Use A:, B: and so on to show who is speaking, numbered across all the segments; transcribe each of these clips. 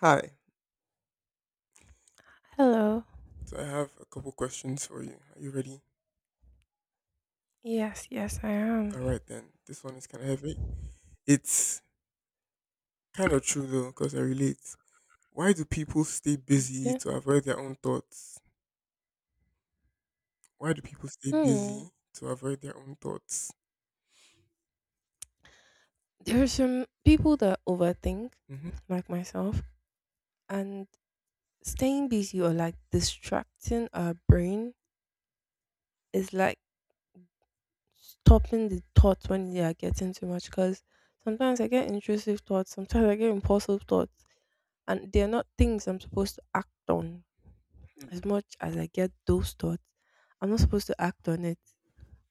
A: Hi.
B: Hello.
A: So I have a couple questions for you. Are you ready?
B: Yes, yes, I
A: All
B: am.
A: right then. This one is kind of heavy. It's kind of true though, because I relate. Why do people stay busy
B: Yeah.
A: to avoid their own thoughts? Why Do people stay
B: Hmm.
A: busy to avoid their own thoughts?
B: There are some people that overthink,
A: hmm
B: like myself, and staying busy or like distracting our brain is like stopping the thoughts when they are getting too much. Because sometimes I get intrusive thoughts, sometimes I get impulsive thoughts, and they're not things I'm supposed to act on. As much as I get those thoughts, I'm not supposed to act on it.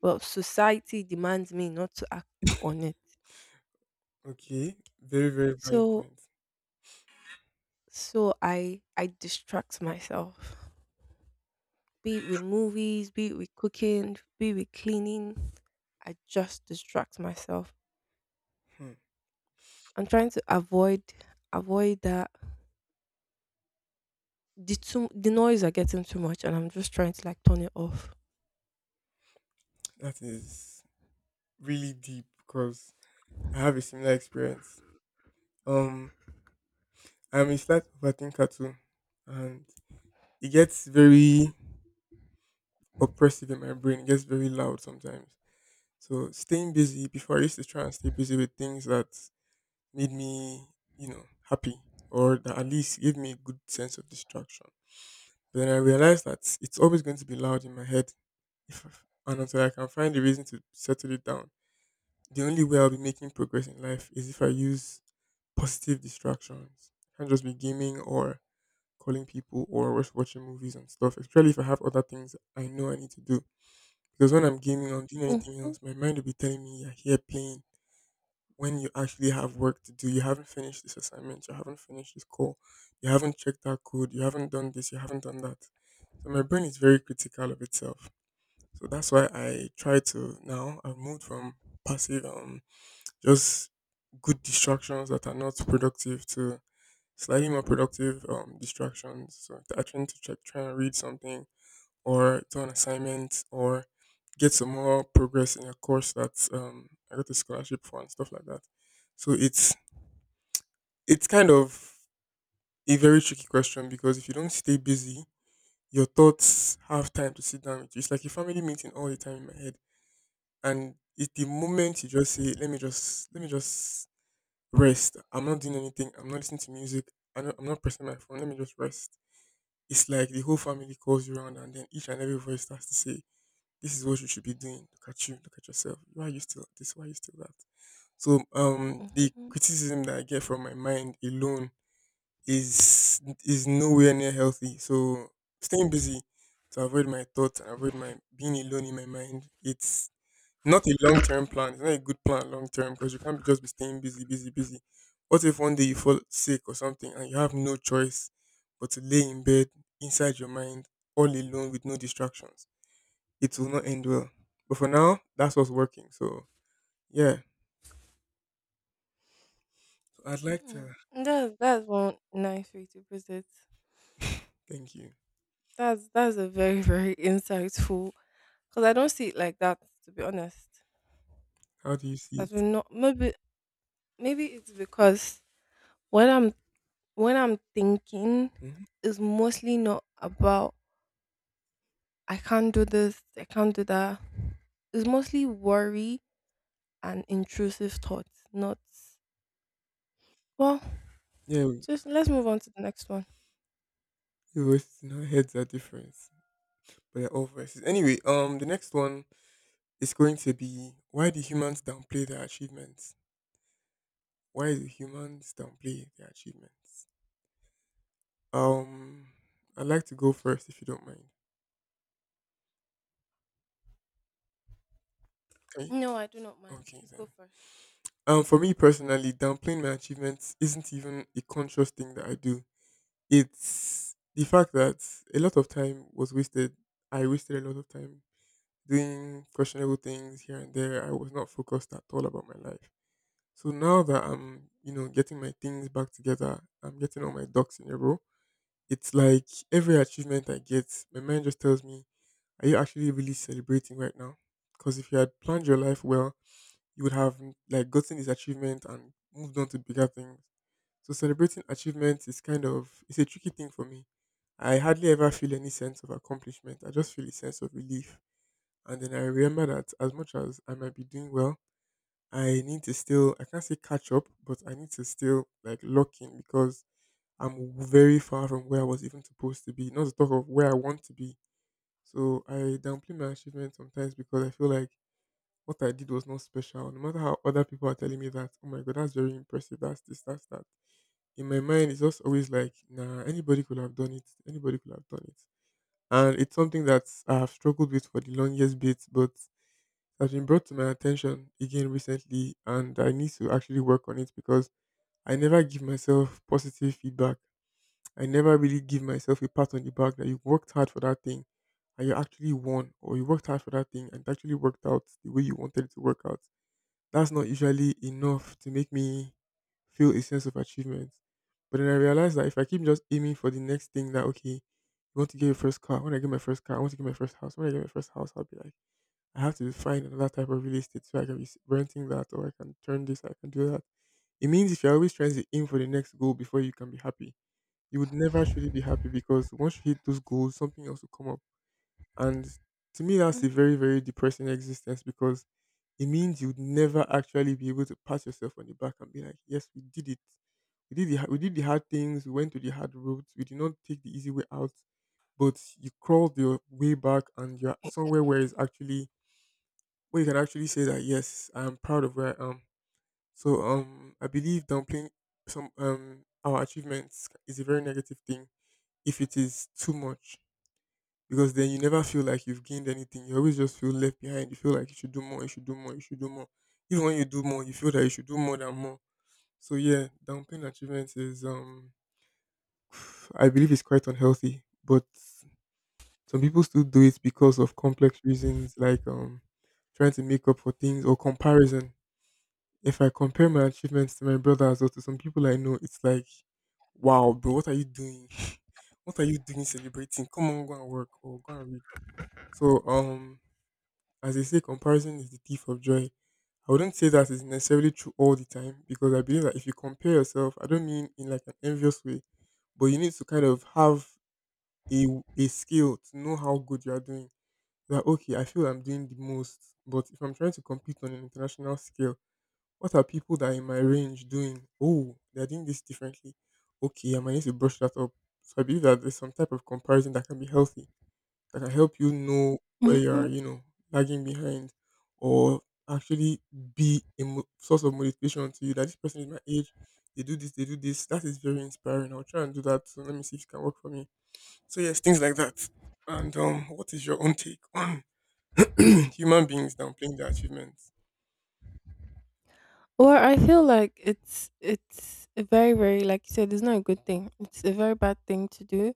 B: Well, society demands me not to act on it.
A: Okay. Very, very valid
B: So
A: point.
B: So I distract myself. Be it with movies, be it with cooking, be it with cleaning. I just distract myself.
A: Hmm.
B: I'm trying to avoid that the noise are getting too much and I'm just trying to like turn it off.
A: That is really deep because I have a similar experience. Um, I'm a slight overthinker too, and it gets very oppressive in my brain. It gets very loud sometimes. So staying busy before I used to try and stay busy with things that made me, you know, happy or that at least gave me a good sense of distraction. But then I realized that it's always going to be loud in my head if and until I can find a reason to settle it down. The only way I'll be making progress in life is if I use positive distractions. Can't just be gaming or calling people or watching movies and stuff, especially if I have other things I know I need to do. Because when I'm gaming or doing anything
B: Mm-hmm,
A: else, my mind will be telling me, "You're here playing when you actually have work to do. You haven't finished this assignment, you haven't finished this call, you haven't checked that code, you haven't done this, you haven't done that. So my brain is very critical of itself. So that's why I try to now I've moved from passive just good distractions that are not productive to slightly more productive distractions. So I try to check try and read something or do an assignment or get some more progress in a course that I got a scholarship for and stuff like that. So it's kind of a very tricky question because if you don't stay busy, your thoughts have time to sit down with you. It's like a family meeting all the time in my head. And it's the moment you just say, let me just rest. I'm not doing anything. I'm not listening to music. I'm not pressing my phone. Let me just rest. It's like the whole family calls you around and then each and every voice starts to say, this is what you should be doing. Look at you. Look at yourself. Why are you still this? Why are you still that? So the
B: mm-hmm.
A: criticism that I get from my mind alone is nowhere near healthy. So staying busy to avoid my thoughts and avoid my being alone in my mind. It's not a long term plan. It's not a good plan long term because you can't be just be staying busy, busy, busy. What if one day you fall sick or something and you have no choice but to lay in bed inside your mind all alone with no distractions? It will not end well. But for now, that's what's working. So yeah. So I'd like to
B: That's one nice way to put it.
A: thank you.
B: That's a very very insightful because I don't see it like that, to be honest.
A: How do you see
B: I do
A: it?
B: not, maybe it's because when I'm when I'm thinking,
A: hmm
B: it's mostly not about I can't do this, I can't do that. It's mostly worry and intrusive thoughts, not, well,
A: Yeah,
B: just let's move on to the next one.
A: we our heads are different. But yeah, all voices. Anyway, the next one is going to be why do humans downplay their achievements? Why do humans downplay their achievements? Um, I'd like to go first if you don't mind. Okay,
B: No, I do not mind.
A: okay
B: Please go
A: then.
B: first.
A: For me personally, downplaying my achievements isn't even a conscious thing that I do. It's the fact that a lot of time was wasted. I wasted a lot of time doing questionable things here and there. I was not focused at all about my life. So now that I'm, you know, getting my things back together, I'm getting all my ducks in a row. It's like every achievement I get, my mind just tells me, "Are you actually really celebrating right now?" Because if you had planned your life well, you would have like gotten this achievement and moved on to bigger things. So celebrating achievements is it's a tricky thing for me. I hardly ever feel any sense of accomplishment. I just feel a sense of relief, and then I remember that as much as I might be doing well, I need to still I can't say catch up, but I need to still like lock in because I'm very far from where I was even supposed to be. Not to talk of where I want to be. So I downplay my achievements sometimes because I feel like what I did was not special. No matter how other people are telling me that, oh my god, that's very impressive. That's this, that's that. In my mind, it's just always like, nah, anybody could have done it. Anybody could have done it. And it's something that I've struggled with for the longest bit, but has been brought to my attention again recently, and I need to actually work on it because I never give myself positive feedback. I never really give myself a pat on the back that you worked hard for that thing and you actually won, or you worked hard for that thing and it actually worked out the way you wanted it to work out. That's not usually enough to make me feel a sense of achievement. But then I realized that if I keep just aiming for the next thing, that okay, you want to get your first car. When I get my first car, I want to get my first house. When I get my first house, I'll be like, I have to find another type of real estate so I can be renting that or I can turn this, I can do that. It means if you're always trying to aim for the next goal before you can be happy, you would never truly be happy because once you hit those goals, something else will come up. And to me, that's
B: Mm.
A: a very, very depressing existence because it means you'd never actually be able to pat yourself on the back and be like, yes, we did it. We did we did the hard things. We went to the hard routes. We did not take the easy way out, but you crawled your way back and you're somewhere where it's actually where you can actually say that yes, I am proud of where I am. So I believe downplaying some our achievements is a very negative thing if it is too much because then you never feel like you've gained anything. You always just feel left behind. You feel like you should do more. You should do more. You should do more. Even when you do more, you feel that you should do more than more. So yeah, downplaying achievements is I believe it's quite unhealthy, but some people still do it because of complex reasons like trying to make up for things or comparison. If I compare my achievements to my brothers or to some people I know, it's like, wow, bro, what are you doing? What are you doing celebrating? Come on, go and work or go and read. So, as they say, comparison is the thief of joy. I wouldn't say that is necessarily true all the time because I believe that if you compare yourself, I don't mean in like an envious way, but you need to kind of have a, a skill to know how good you are doing. That okay, I feel I'm doing the most, but if I'm trying to compete on an international scale, what are people that are in my range doing? Oh, they're doing this differently. Okay, I might need to brush that up. So I believe that there's some type of comparison that can be healthy, that can help you know where you are,
B: Mhm.
A: you know, lagging behind, or actually be a source of motivation to you that this person is my age, they do this, they do this. That is very inspiring. I'll try and do that. So let me see if it can work for me. So yes, things like that. And what is your own take on human beings downplaying their achievements?
B: Well, I feel like it's a very, very, like you said, it's not a good thing. It's a very bad thing to do.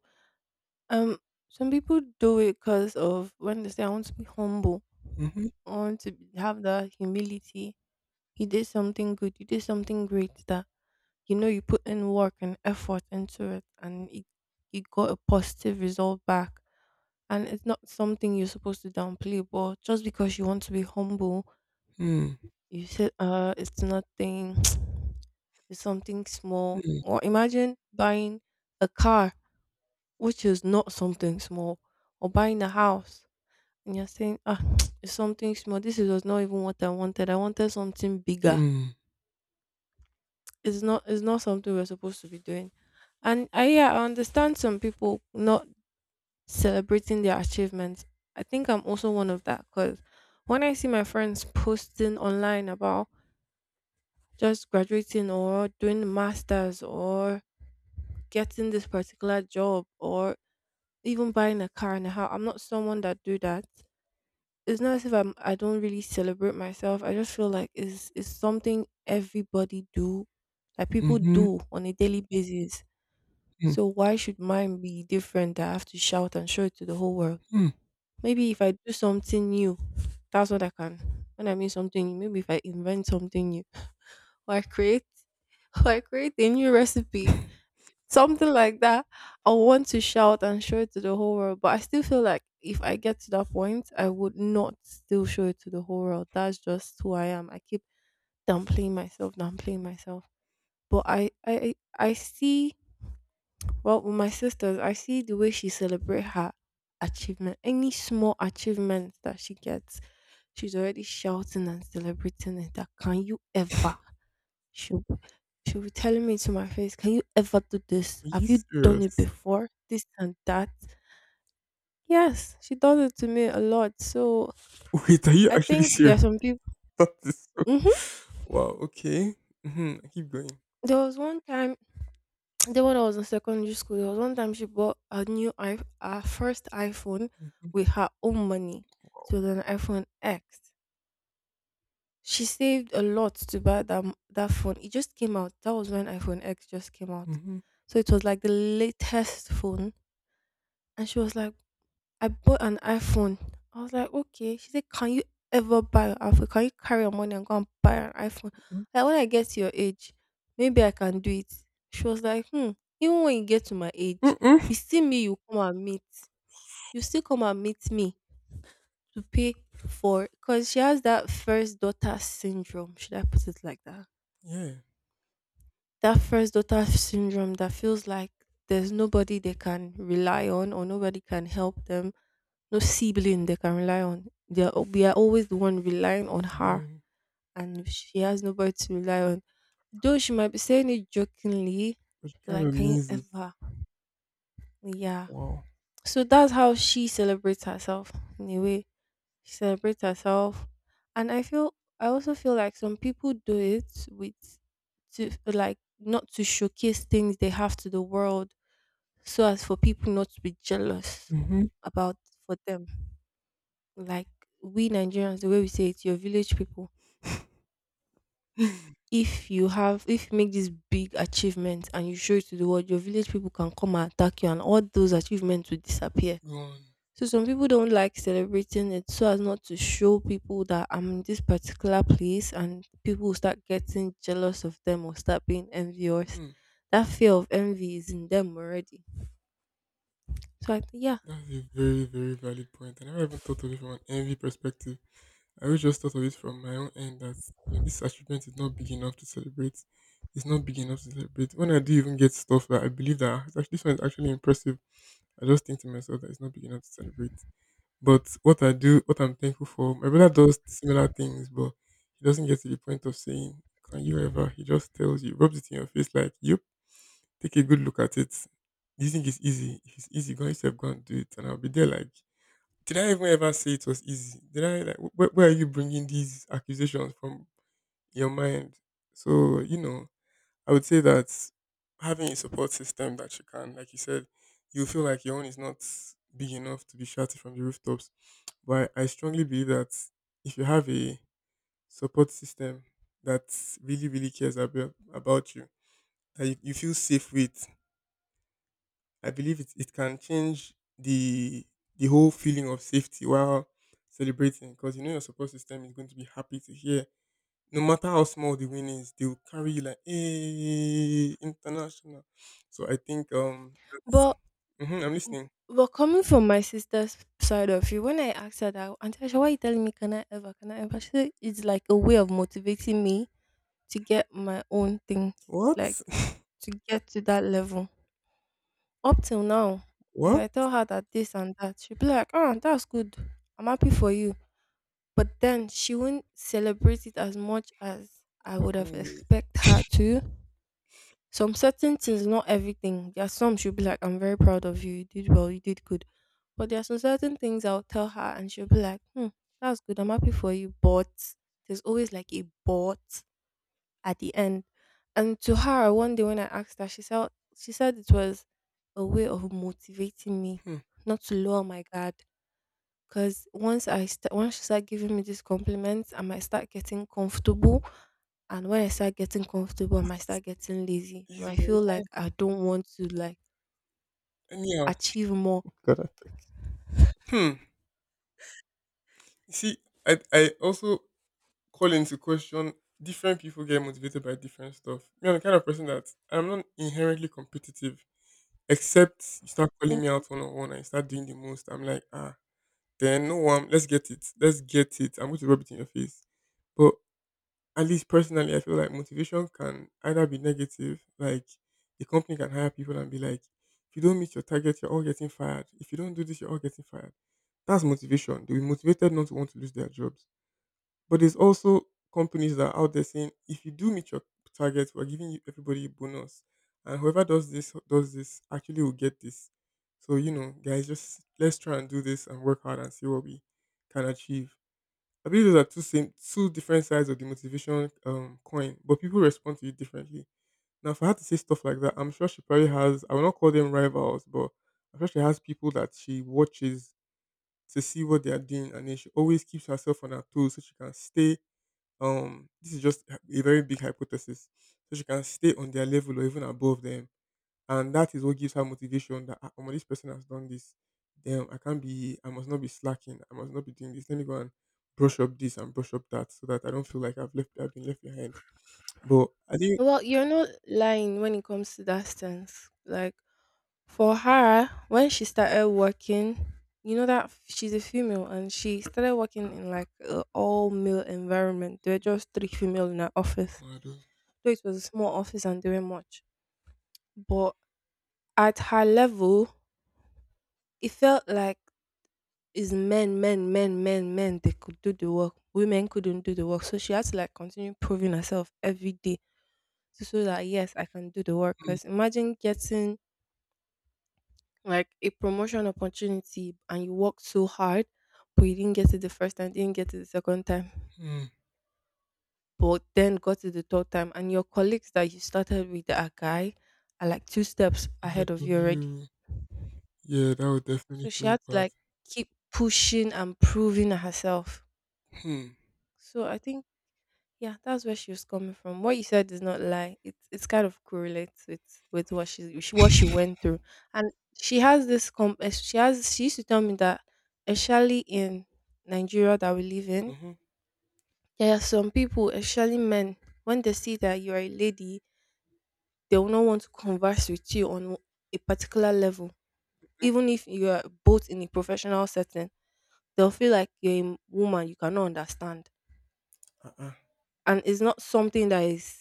B: Um, some people do it because of when they say I want to be humble,
A: Mm-hmm.
B: I want to have that humility. You did something good, you did something great that, you know, you put in work and effort into it and it, you got a positive result back. And it's not something you're supposed to downplay, but just because you want to be humble, you said it's nothing. It's something small. Or imagine buying a car, which is not something small, or buying a house and you're saying, ah, it's something small. This was not even what I wanted. I wanted something bigger.
A: Mm-hmm.
B: It's not something we're supposed to be doing. And I, yeah, I understand some people not celebrating their achievements. I think I'm also one of that because when I see my friends posting online about just graduating or doing the masters or getting this particular job or even buying a car and a house, I'm not someone that do that. It's not as if I don't really celebrate myself. I just feel like it's something everybody do, that people
A: Mhm,
B: do on a daily basis.
A: mhm.
B: So why should mine be different that I have to shout and show it to the whole world? Maybe if I do something new, that's what I can. When I mean something new, maybe if I invent something new, or I create or I create a new recipe, something like that, I want to shout and show it to the whole world. But I still feel like if I get to that point, I would not still show it to the whole world. That's just who I am. I keep downplaying myself, downplaying myself. But I see. Well, with my sisters, I see the way she celebrate her achievement. Any small achievement that she gets, she's already shouting and celebrating it. That, can you ever? She'll, she'll be telling me to my face, can you ever do this?
A: Are you
B: Have you done it
A: serious?
B: before? This and that. Yes, she does it to me a lot. So
A: Wait, are you
B: I
A: actually
B: think there
A: serious?
B: are some people.
A: That is so
B: Hmm.
A: Wow, okay. Mhm, keep going.
B: There was one time Then when I was in secondary school, there was one time she bought a new I her first iPhone
A: Mhm,
B: with her own money. So, it was an iPhone X. She saved a lot to buy that phone. It just came out. That was when iPhone X just came out,
A: mhm,
B: so it was like the latest phone. And she was like, I bought an iPhone. I was like, okay. She said, can you ever buy an iPhone? Can you carry your money and go and buy an iPhone?
A: mm,
B: Like when I get to your age, maybe I can do it. She was like, hmm. Even when you get to my age,
A: mm-mm.
B: you see me, you come and meet. You still come and meet me to pay for, because she has that first daughter syndrome. Should I put it like that?
A: Yeah,
B: That first daughter syndrome that feels like there's nobody they can rely on or nobody can help them, no sibling they can rely on. We are always the one relying on her,
A: the
B: and she has nobody to rely on. Though she might be saying it jokingly,
A: which kind
B: like,
A: of
B: can you
A: music.
B: ever? Yeah.
A: Wow.
B: So that's how she celebrates herself, in a way celebrate herself. And I also feel like some people do it with to, like, not to showcase things they have to the world, so as for people not to be jealous
A: Mhm.
B: about, for them, like, we nigerians the way we say it, your village people, if you make this big achievement and you show it to the world, your village people can come and attack you and all those achievements will disappear.
A: Go on.
B: So some people don't like celebrating it so as not to show people that I'm in this particular place and people will start getting jealous of them or start being envious.
A: Mm,
B: That fear of envy is in them already. So I think, yeah.
A: that's a very, very valid point. I never even thought of it from an envy perspective. I always just thought of it from my own end that you know, this achievement is not big enough to celebrate. It's not big enough to celebrate. When I do even get stuff that I believe that "Ah, it's actually, this one is actually impressive, I just think to myself that it's not big enough to celebrate. But what I do, what I'm thankful for, my brother does similar things, but he doesn't get to the point of saying, can you ever? He just tells you, rubs it in your face like, yep, take a good look at it. Do you think it's easy? If it's easy, go on yourself, go and do it. And I'll be there like, did I even ever say it was easy? Did I, like, where are you bringing these accusations from your mind? So I would say that having a support system that you can, like you said, you feel like your own is not big enough to be shouted from the rooftops. But I strongly believe that if you have a support system that really really cares about you, that you feel safe with, I believe it can change the whole feeling of safety while celebrating, because you know your support system is going to be happy to hear. No matter how small the win is, they will carry you like hey international. So I think that's.
B: But
A: Hmm, I'm listening.
B: but coming from my sister's side of you, when I asked her that, Auntie Asha, why are you telling me can I ever, can I ever? She said it's like a way of motivating me to get my own things,
A: What?
B: like to get to that level. Up till now, if
A: what?
B: I tell her that this and that, she'll be like, "Ah, that's good. I'm happy for you." But then she won't celebrate it as much as I would have
A: Oh, wait.
B: expect her to. Some certain things, not everything. There are some she'll be like, "I'm very proud of you. You did well. You did good." But there are some certain things I'll tell her, and she'll be like, "Hmm, that's good. I'm happy for you." But there's always like a but at the end. And to her, one day when I asked her, she said it was a way of motivating me
A: Hmm.
B: not to lower my guard. Because once she started giving me these compliments, I might start getting comfortable. And when I start getting comfortable, I might start getting lazy. I
A: He's
B: might
A: wrong.
B: feel like I don't want to like
A: Anyhow,
B: achieve more.
A: God, I think. Hmm. You see, I also call into question. Different people get motivated by different stuff. Me, I'm the kind of person that I'm not inherently competitive, except you start calling me
B: Mhm.
A: out one on one and you start doing the most. I'm like, ah, then no one, let's get it. Let's get it. I'm going to rub it in your face. But at least personally, I feel like motivation can either be negative, like the company can hire people and be like, if you don't meet your target, you're all getting fired. If you don't do this, you're all getting fired. That's motivation. They'll be motivated not to want to lose their jobs, but there's also companies that are out there saying, if you do meet your target, we're giving you everybody a bonus, and whoever does this actually will get this. So, you know, guys, just let's try and do this and work hard and see what we can achieve. I believe those are two different sides of the motivation coin, but people respond to it differently. Now, if I had to say stuff like that, I'm sure she probably has. I will not call them rivals, but I'm sure she has people that she watches to see what they are doing, and then she always keeps herself on her toes so she can stay, this is just a very big hypothesis. So she can stay on their level or even above them. And that is what gives her motivation, that, ah, omo, this person has done this. Damn, I must not be slacking. I must not be doing this. Let me go and brush up this and brush up that so that I don't feel like I've been left behind. But I think.
B: Well, you're not lying when it comes to that stance, like. For her, when she started working, you know, she's a female and she started working in like an all male environment. There were just three female in her office.
A: Mado,
B: Though it was a small office and they were much. But at her level, it felt like it's men, men, men, men, men, they could do the work. Women couldn't do the work. So she had to like continue proving herself every day to show that yes, I can do the work.
A: mm,
B: Because imagine getting like a promotion opportunity and you worked so hard, but you didn't get it the first time, didn't get it the second time,
A: mm,
B: but then got it the third time, and your colleagues that you started with that are guy are like two steps
A: ahead
B: ahead of
A: of
B: you already.
A: you. Yeah, that would definitely
B: So she
A: feel
B: had to
A: bad.
B: like keep pushing and proving herself.
A: Hmm.
B: So I think, yeah, that's where she was coming from. What you said is not lie. It's kind of correlates with what she what she went through, and she has she used to tell me that, especially in Nigeria that we live in,
A: Mm-hmm.
B: there are some people, especially men, when they see that you are a lady, they will not want to converse with you on a particular level, even if you are both in a professional setting. They'll feel like you're a woman. You cannot understand,
A: Uh-uh.
B: and it's not something that is.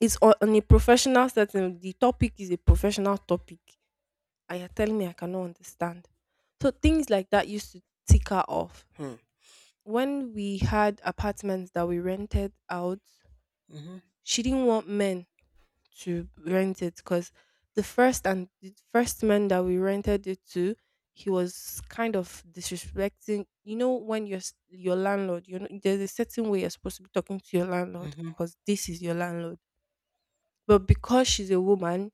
B: It's on a professional setting. The topic is a professional topic, and you're telling me I cannot understand. So things like that used to tick her off.
A: Hmm.
B: When we had apartments that we rented out,
A: Mm-hmm.
B: she didn't want men to rent it because the first man that we rented it to, he was kind of disrespecting. When your landlord, there's a certain way you're supposed to be talking to your landlord
A: Mm-hmm.
B: because this is your landlord. But because she's a woman,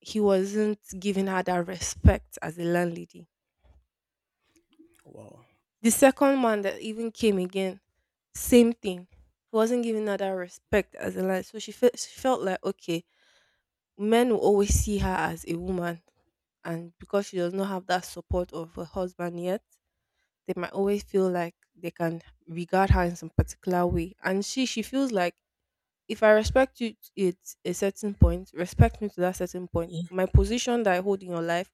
B: he wasn't giving her that respect as a landlady.
A: Wow.
B: The second man that even came again, same thing. He wasn't giving her that respect as a landlady. So she felt like, okay, men will always see her as a woman. And because she does not have that support of her husband yet, they might always feel like they can regard her in some particular way. And she feels like, if I respect you to at a certain point, respect me to that certain point.
A: Yeah.
B: My position that I hold in your life,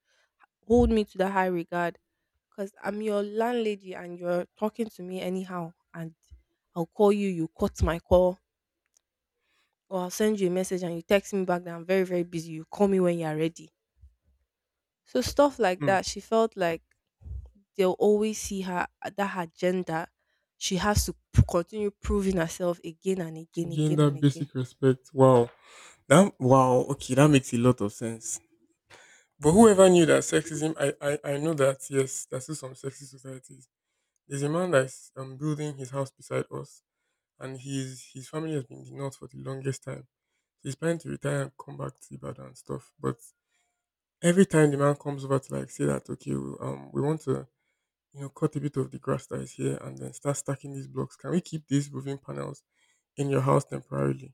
B: hold me to that high regard. Because I'm your landlady and you're talking to me anyhow. And I'll call you, you cut my call, or I'll send you a message and you text me back that I'm very, very busy. You call me when you're ready. So stuff like
A: Hmm.
B: that, she felt like they'll always see her, that her gender, she has to continue proving herself again and
A: To
B: again,
A: gain
B: again
A: that
B: and again.
A: basic respect. Wow. That, wow, okay, that makes a lot of sense. But whoever knew that sexism, I know that, yes, there's still some sexist societies. There's a man that's building his house beside us, and his family has been in the north for the longest time. He's planning to retire and come back to Ibadan and stuff. But every time the man comes over to like say that, okay, we want to cut a bit of the grass that is here and then start stacking these blocks. Can we keep these roofing panels in your house temporarily?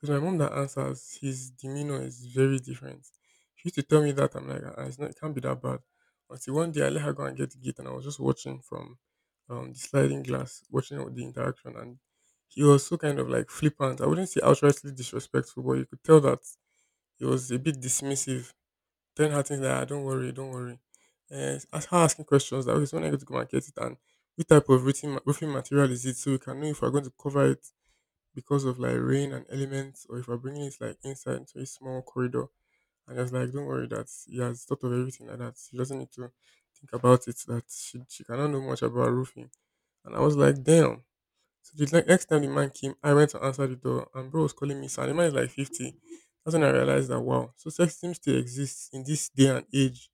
A: Because my mom that answers, his demeanor is very different. She used to tell me, that I'm like, ah, it's not, it can't be that bad. Until one day I let her go and get the gate, and I was just watching from, the sliding glass, watching all the interaction, and he was so kind of like flippant. I wouldn't say outrightly disrespectful, but you could tell that he was a bit dismissive, telling her things like, ah, don't worry, don't worry. And as her asking questions, that was when I go to go and get it, and which type of roofing, roofing material is it, so we can know if we're going to cover it because of like rain and elements, or if we're bringing it like inside into a small corridor. And it's like, don't worry, that he has thought of everything like that. She doesn't need to think about it. That she cannot know much about roofing. And I was like, damn. So the next time the man came, I went to answer the door, and bro was calling me. So the man is like 50. That's when I realized that, wow, so sexism still exists in this day and age.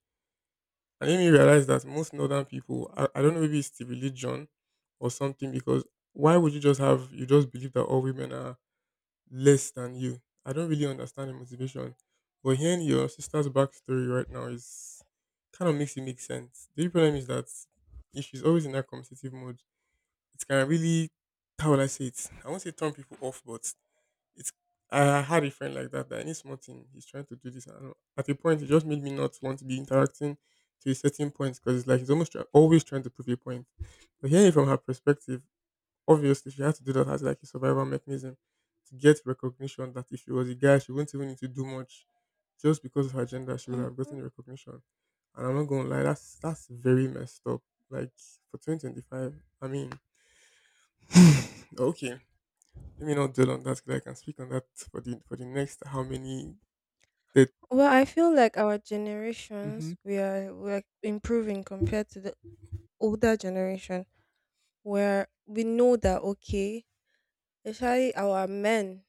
A: And then me realize that most northern people, I don't know, maybe it's the religion or something, because why would you just believe that all women are less than you. I don't really understand the motivation. But hearing your sister's backstory right now is kind of makes it make sense. The only problem is that if she's always in that competitive mode, it can really, how will I say it? I won't say turn people off, but it's, I had a friend like that, that any small thing he's trying to do this, and at a point it just made me not want to be interacting to a certain point, because it's like he's almost always trying to prove a point. But hearing it from her perspective, obviously, she had to do that as like a survival mechanism to get recognition, that if she was a guy, she wouldn't even need to do much. Just because of her gender, she would have
B: Mm.
A: gotten recognition. And I'm not gonna lie, that's very messed up. Like for 2025, I mean, okay, let me not dwell on that, because I can speak on that for the next how many that.
B: Well, I feel like our
A: Hmm.
B: generations we're improving compared to the older generation, where we know that, okay, especially our men,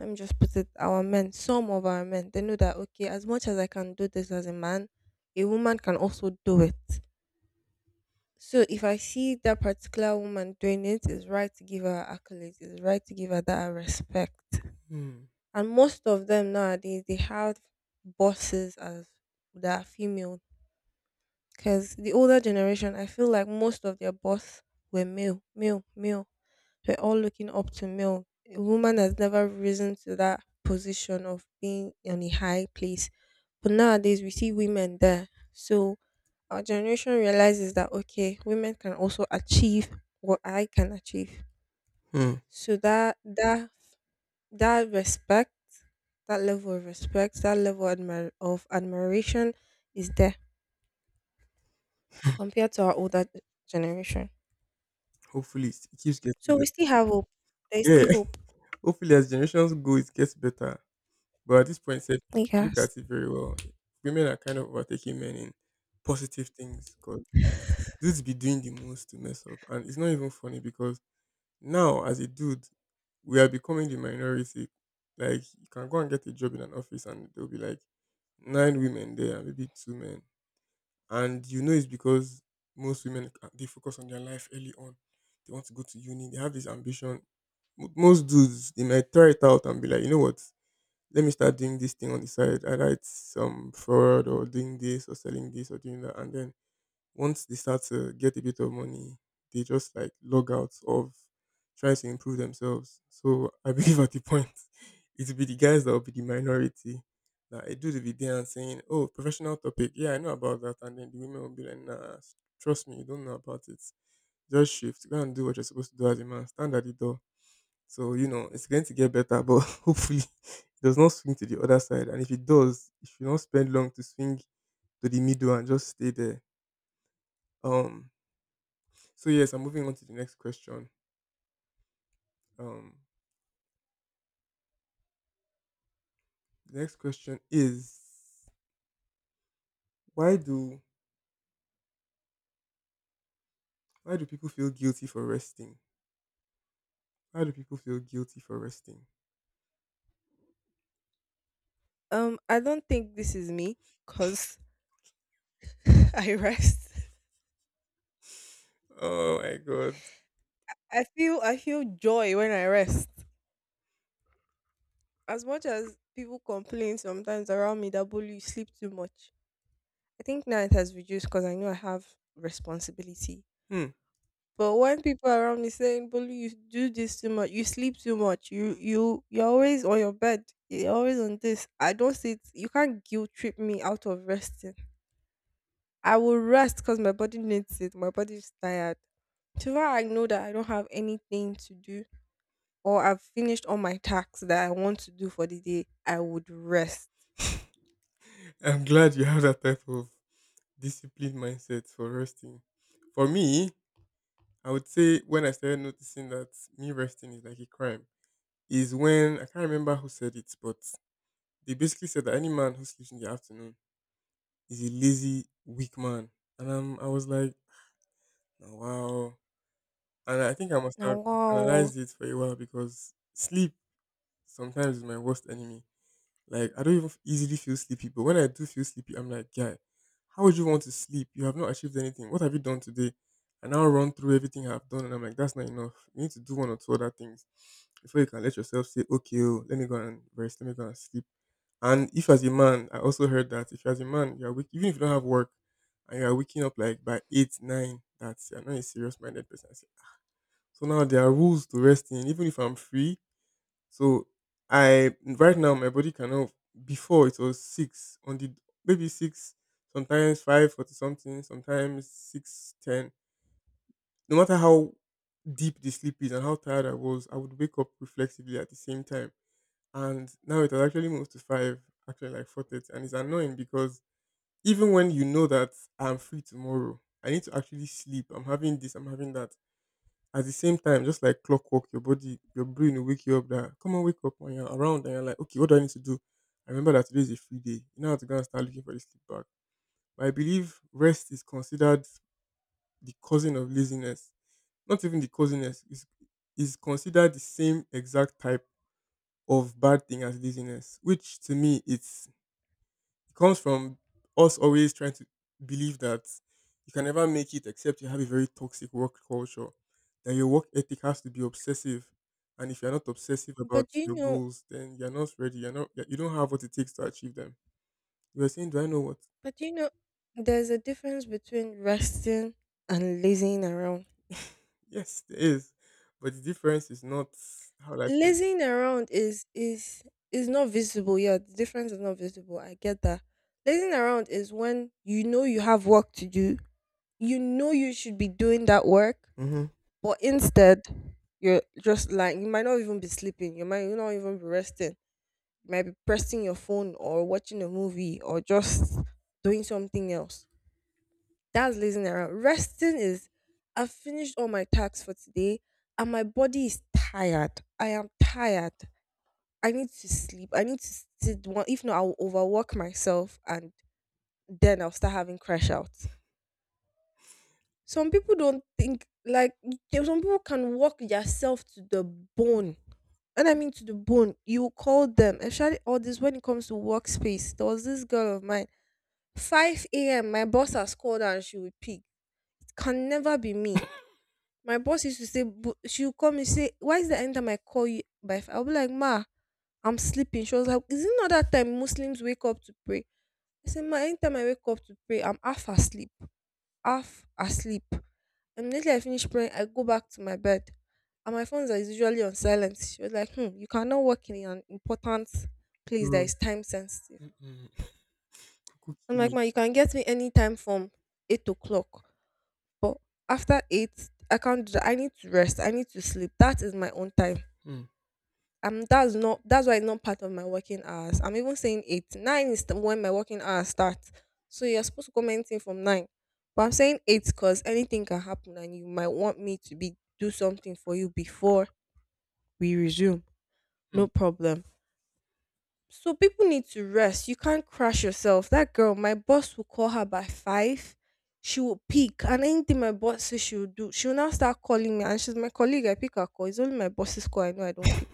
B: let me just put it our men, some of our men, they know that, okay, as much as I can do this as a man, a woman can also do it. So if I see that particular woman doing it, it's right to give her accolades, it's right to give her that respect.
A: Hmm.
B: And most of them nowadays they have bosses as that are female. Because the older generation, I feel like most of their boss were male, male, male. They're all looking up to male. A woman has never risen to that position of being on a high place. But nowadays, we see women there. So our generation realizes that, okay, women can also achieve what I can achieve.
A: Hmm.
B: So that respect, that level of respect, that level of admiration is there compared to our older generation.
A: Hopefully, it keeps getting
B: So we
A: better.
B: still have hope. There is
A: Yeah.
B: still hope.
A: Hopefully, as generations go, it gets better. But at this point, said, look
B: Yes.
A: at it very well, women are kind of overtaking men in positive things, because dudes be doing the most to mess up. And it's not even funny, because now, as a dude, we are becoming the minority. Like, you can go and get a job in an office, and there will be like nine women there and maybe two men. And you know it's because most women, they focus on their life early on. They want to go to uni. They have this ambition. Most dudes, they might try it out and be like, you know what? Let me start doing this thing on the side. I write some fraud or doing this or selling this or doing that. And then once they start to get a bit of money, they just like log out of trying to improve themselves. So I believe at the point it will be the guys that will be the minority. That I do the video and saying, oh, professional topic. Yeah, I know about that. And then the women will be like, nah, trust me, you don't know about it. Just shift. Go and do what you're supposed to do as a man. Stand at the door. So, you know, it's going to get better, but hopefully it does not swing to the other side. And if it does, it should not spend long to swing to the middle and just stay there. Um, so yes, I'm moving on to the next question. Um, the next question is, why do why do people feel guilty for resting? Why do people feel guilty for resting?
B: I don't think this is me because I rest.
A: Oh my god.
B: I feel joy when I rest. As much as people complain sometimes around me that, Bolu, you sleep too much. I think now it has reduced because I know I have responsibility.
A: Hmm.
B: But when people around me saying, Bolu, you do this too much, you sleep too much, you're always on your bed, you're always on this. I don't see it. You can't guilt trip me out of resting. I will rest because my body needs it. My body is tired. So I know that I don't have anything to do or I've finished all my tasks that I want to do for the day, I would rest.
A: I'm glad you have that type of disciplined mindset for resting. For me, I would say when I started noticing that me resting is like a crime is when, I can't remember who said it, but they basically said that any man who sleeps in the afternoon is a lazy, weak man. And I was like, oh, wow. And I think I must
B: Now,
A: have
B: wow.
A: internalized it for a while, because sleep sometimes is my worst enemy. Like, I don't even easily feel sleepy, but when I do feel sleepy, I'm like, guy, how would you want to sleep? You have not achieved anything. What have you done today? And I'll run through everything I've done, and I'm like, that's not enough. You need to do one or two other things before you can let yourself say, okay, oh, let me go and rest, let me go and sleep. And if as a man, I also heard that if as a man you are even if you don't have work and you are waking up like by eight nine, that's, you're not a serious minded person. I said, so now there are rules to rest in, even if I'm free. So I, right now my body cannot. Before it was six on the, maybe six, sometimes 5:40 something, sometimes 6:10. No matter how deep the sleep is and how tired I was, I would wake up reflexively at the same time, and now it has actually moved to five, actually like 4:30, and it's annoying, because even when you know that I'm free tomorrow, I need to actually sleep. I'm having this, I'm having that. At the same time, just like clockwork, your body, your brain will wake you up. That come on, wake up when you're around, and you're like, okay, what do I need to do? I remember that today is a free day. You now have to go and start looking for the sleep back. But I believe rest is considered the cousin of laziness. Not even the cousiness is considered the same exact type of bad thing as laziness, which to me it's. It comes from us always trying to believe that you can never make it except you have a very toxic work culture. That your work ethic has to be obsessive, and if you're not obsessive about
B: But do you
A: your
B: know,
A: goals, then you're not ready. You're not. You don't have what it takes to achieve them. You were saying, do I know what?
B: but do you know, there's a difference between resting and lazing around.
A: yes, there is, but the difference is not, how do I say it?
B: Lazing around is not visible. Yeah, the difference is not visible. I get that. Lazing around is when you know you have work to do. You know you should be doing that work.
A: Mm-hmm.
B: But instead, you're just like, you might not even be sleeping. You might not even be resting. You might be pressing your phone or watching a movie or just doing something else. That's lazing around. Resting is, I've finished all my tasks for today and my body is tired. I am tired. I need to sleep. I need to sit one. If not, I will overwork myself and then I'll start having crash out. Some people don't think like, there some people can work yourself to the bone. And I mean to the bone. You call them, especially all this when it comes to workspace. There was this girl of mine. 5 a.m. my boss has called her and she will pick. It can never be me. My boss used to say, "Bu- she will call me say, why is the end time I call you by 5? I'll be like, ma, I'm sleeping." She was like, "Is not not that time Muslims wake up to pray?" I said, "Ma, anytime I wake up to pray, I'm half asleep. Immediately I finish praying, I go back to my bed and my phones are usually on silent." She was like, hmm, you cannot work in an important place that
A: Rules.
B: is time sensitive.
A: Mm-mm. Kuku
B: I'm like,
A: kili.
B: ma, you can get me anytime from 8 o'clock. But after 8, I can't do that. I need to rest. I need to sleep. That is my own time.
A: Mm,
B: That's why it's not part of my working hours. I'm even saying 8, 9 is when my working hours start, so you're supposed to comment in from 9, but I'm saying 8 because anything can happen and you might want me to be do something for you before we resume, no
A: mm.
B: problem. So people need to rest. You can't crash yourself. That girl, my boss will call her by 5, she will peak, and anything my boss says she will do. She'll now start calling me, and she's my colleague. I pick her call. It's only my boss's call I know I don't pick.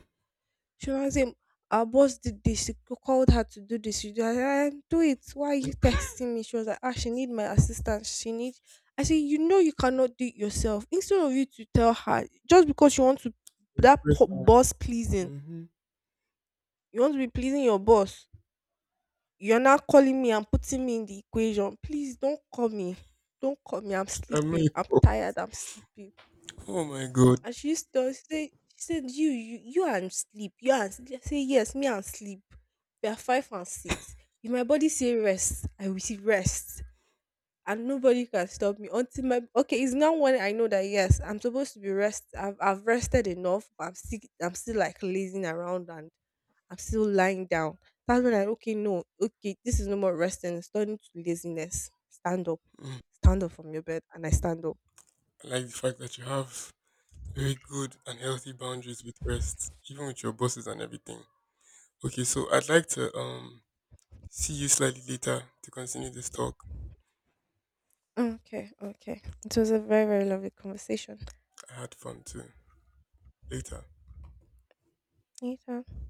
B: She was saying, our boss did this. She called her to do this. She did, I, do it. Why are you texting me? She was like, ah, she need my assistance. She need. I said, you know, you cannot do it yourself. Instead of you to tell her, just because you want to, that
A: Impressive.
B: boss pleasing,
A: Mm-hmm.
B: you want to be pleasing your boss, you're not calling me and putting me in the equation. Please don't call me. Don't call me. I'm
A: I'm
B: sleeping. I'm
A: not.
B: tired. I'm sleeping.
A: Oh my god.
B: And she used to always say, she said, you and sleep. You and sleep. I say, yes, me and sleep. We are 5 and 6. If my body say rest, I will see rest. And nobody can stop me until my okay. It's now when I know that, yes, I'm supposed to be rest. I've rested enough, but I'm still like lazing around and I'm still lying down. That's when I, okay, no, okay, this is no more resting. It's turning to laziness.
A: Mm.
B: Stand up from your bed, and I stand up.
A: I like the fact that you have very good and healthy boundaries with rest, even with your bosses and everything. Okay, so I'd like to see you slightly later to continue this talk.
B: Okay, okay. It was a very very lovely conversation.
A: I had fun too. Later.
B: Later.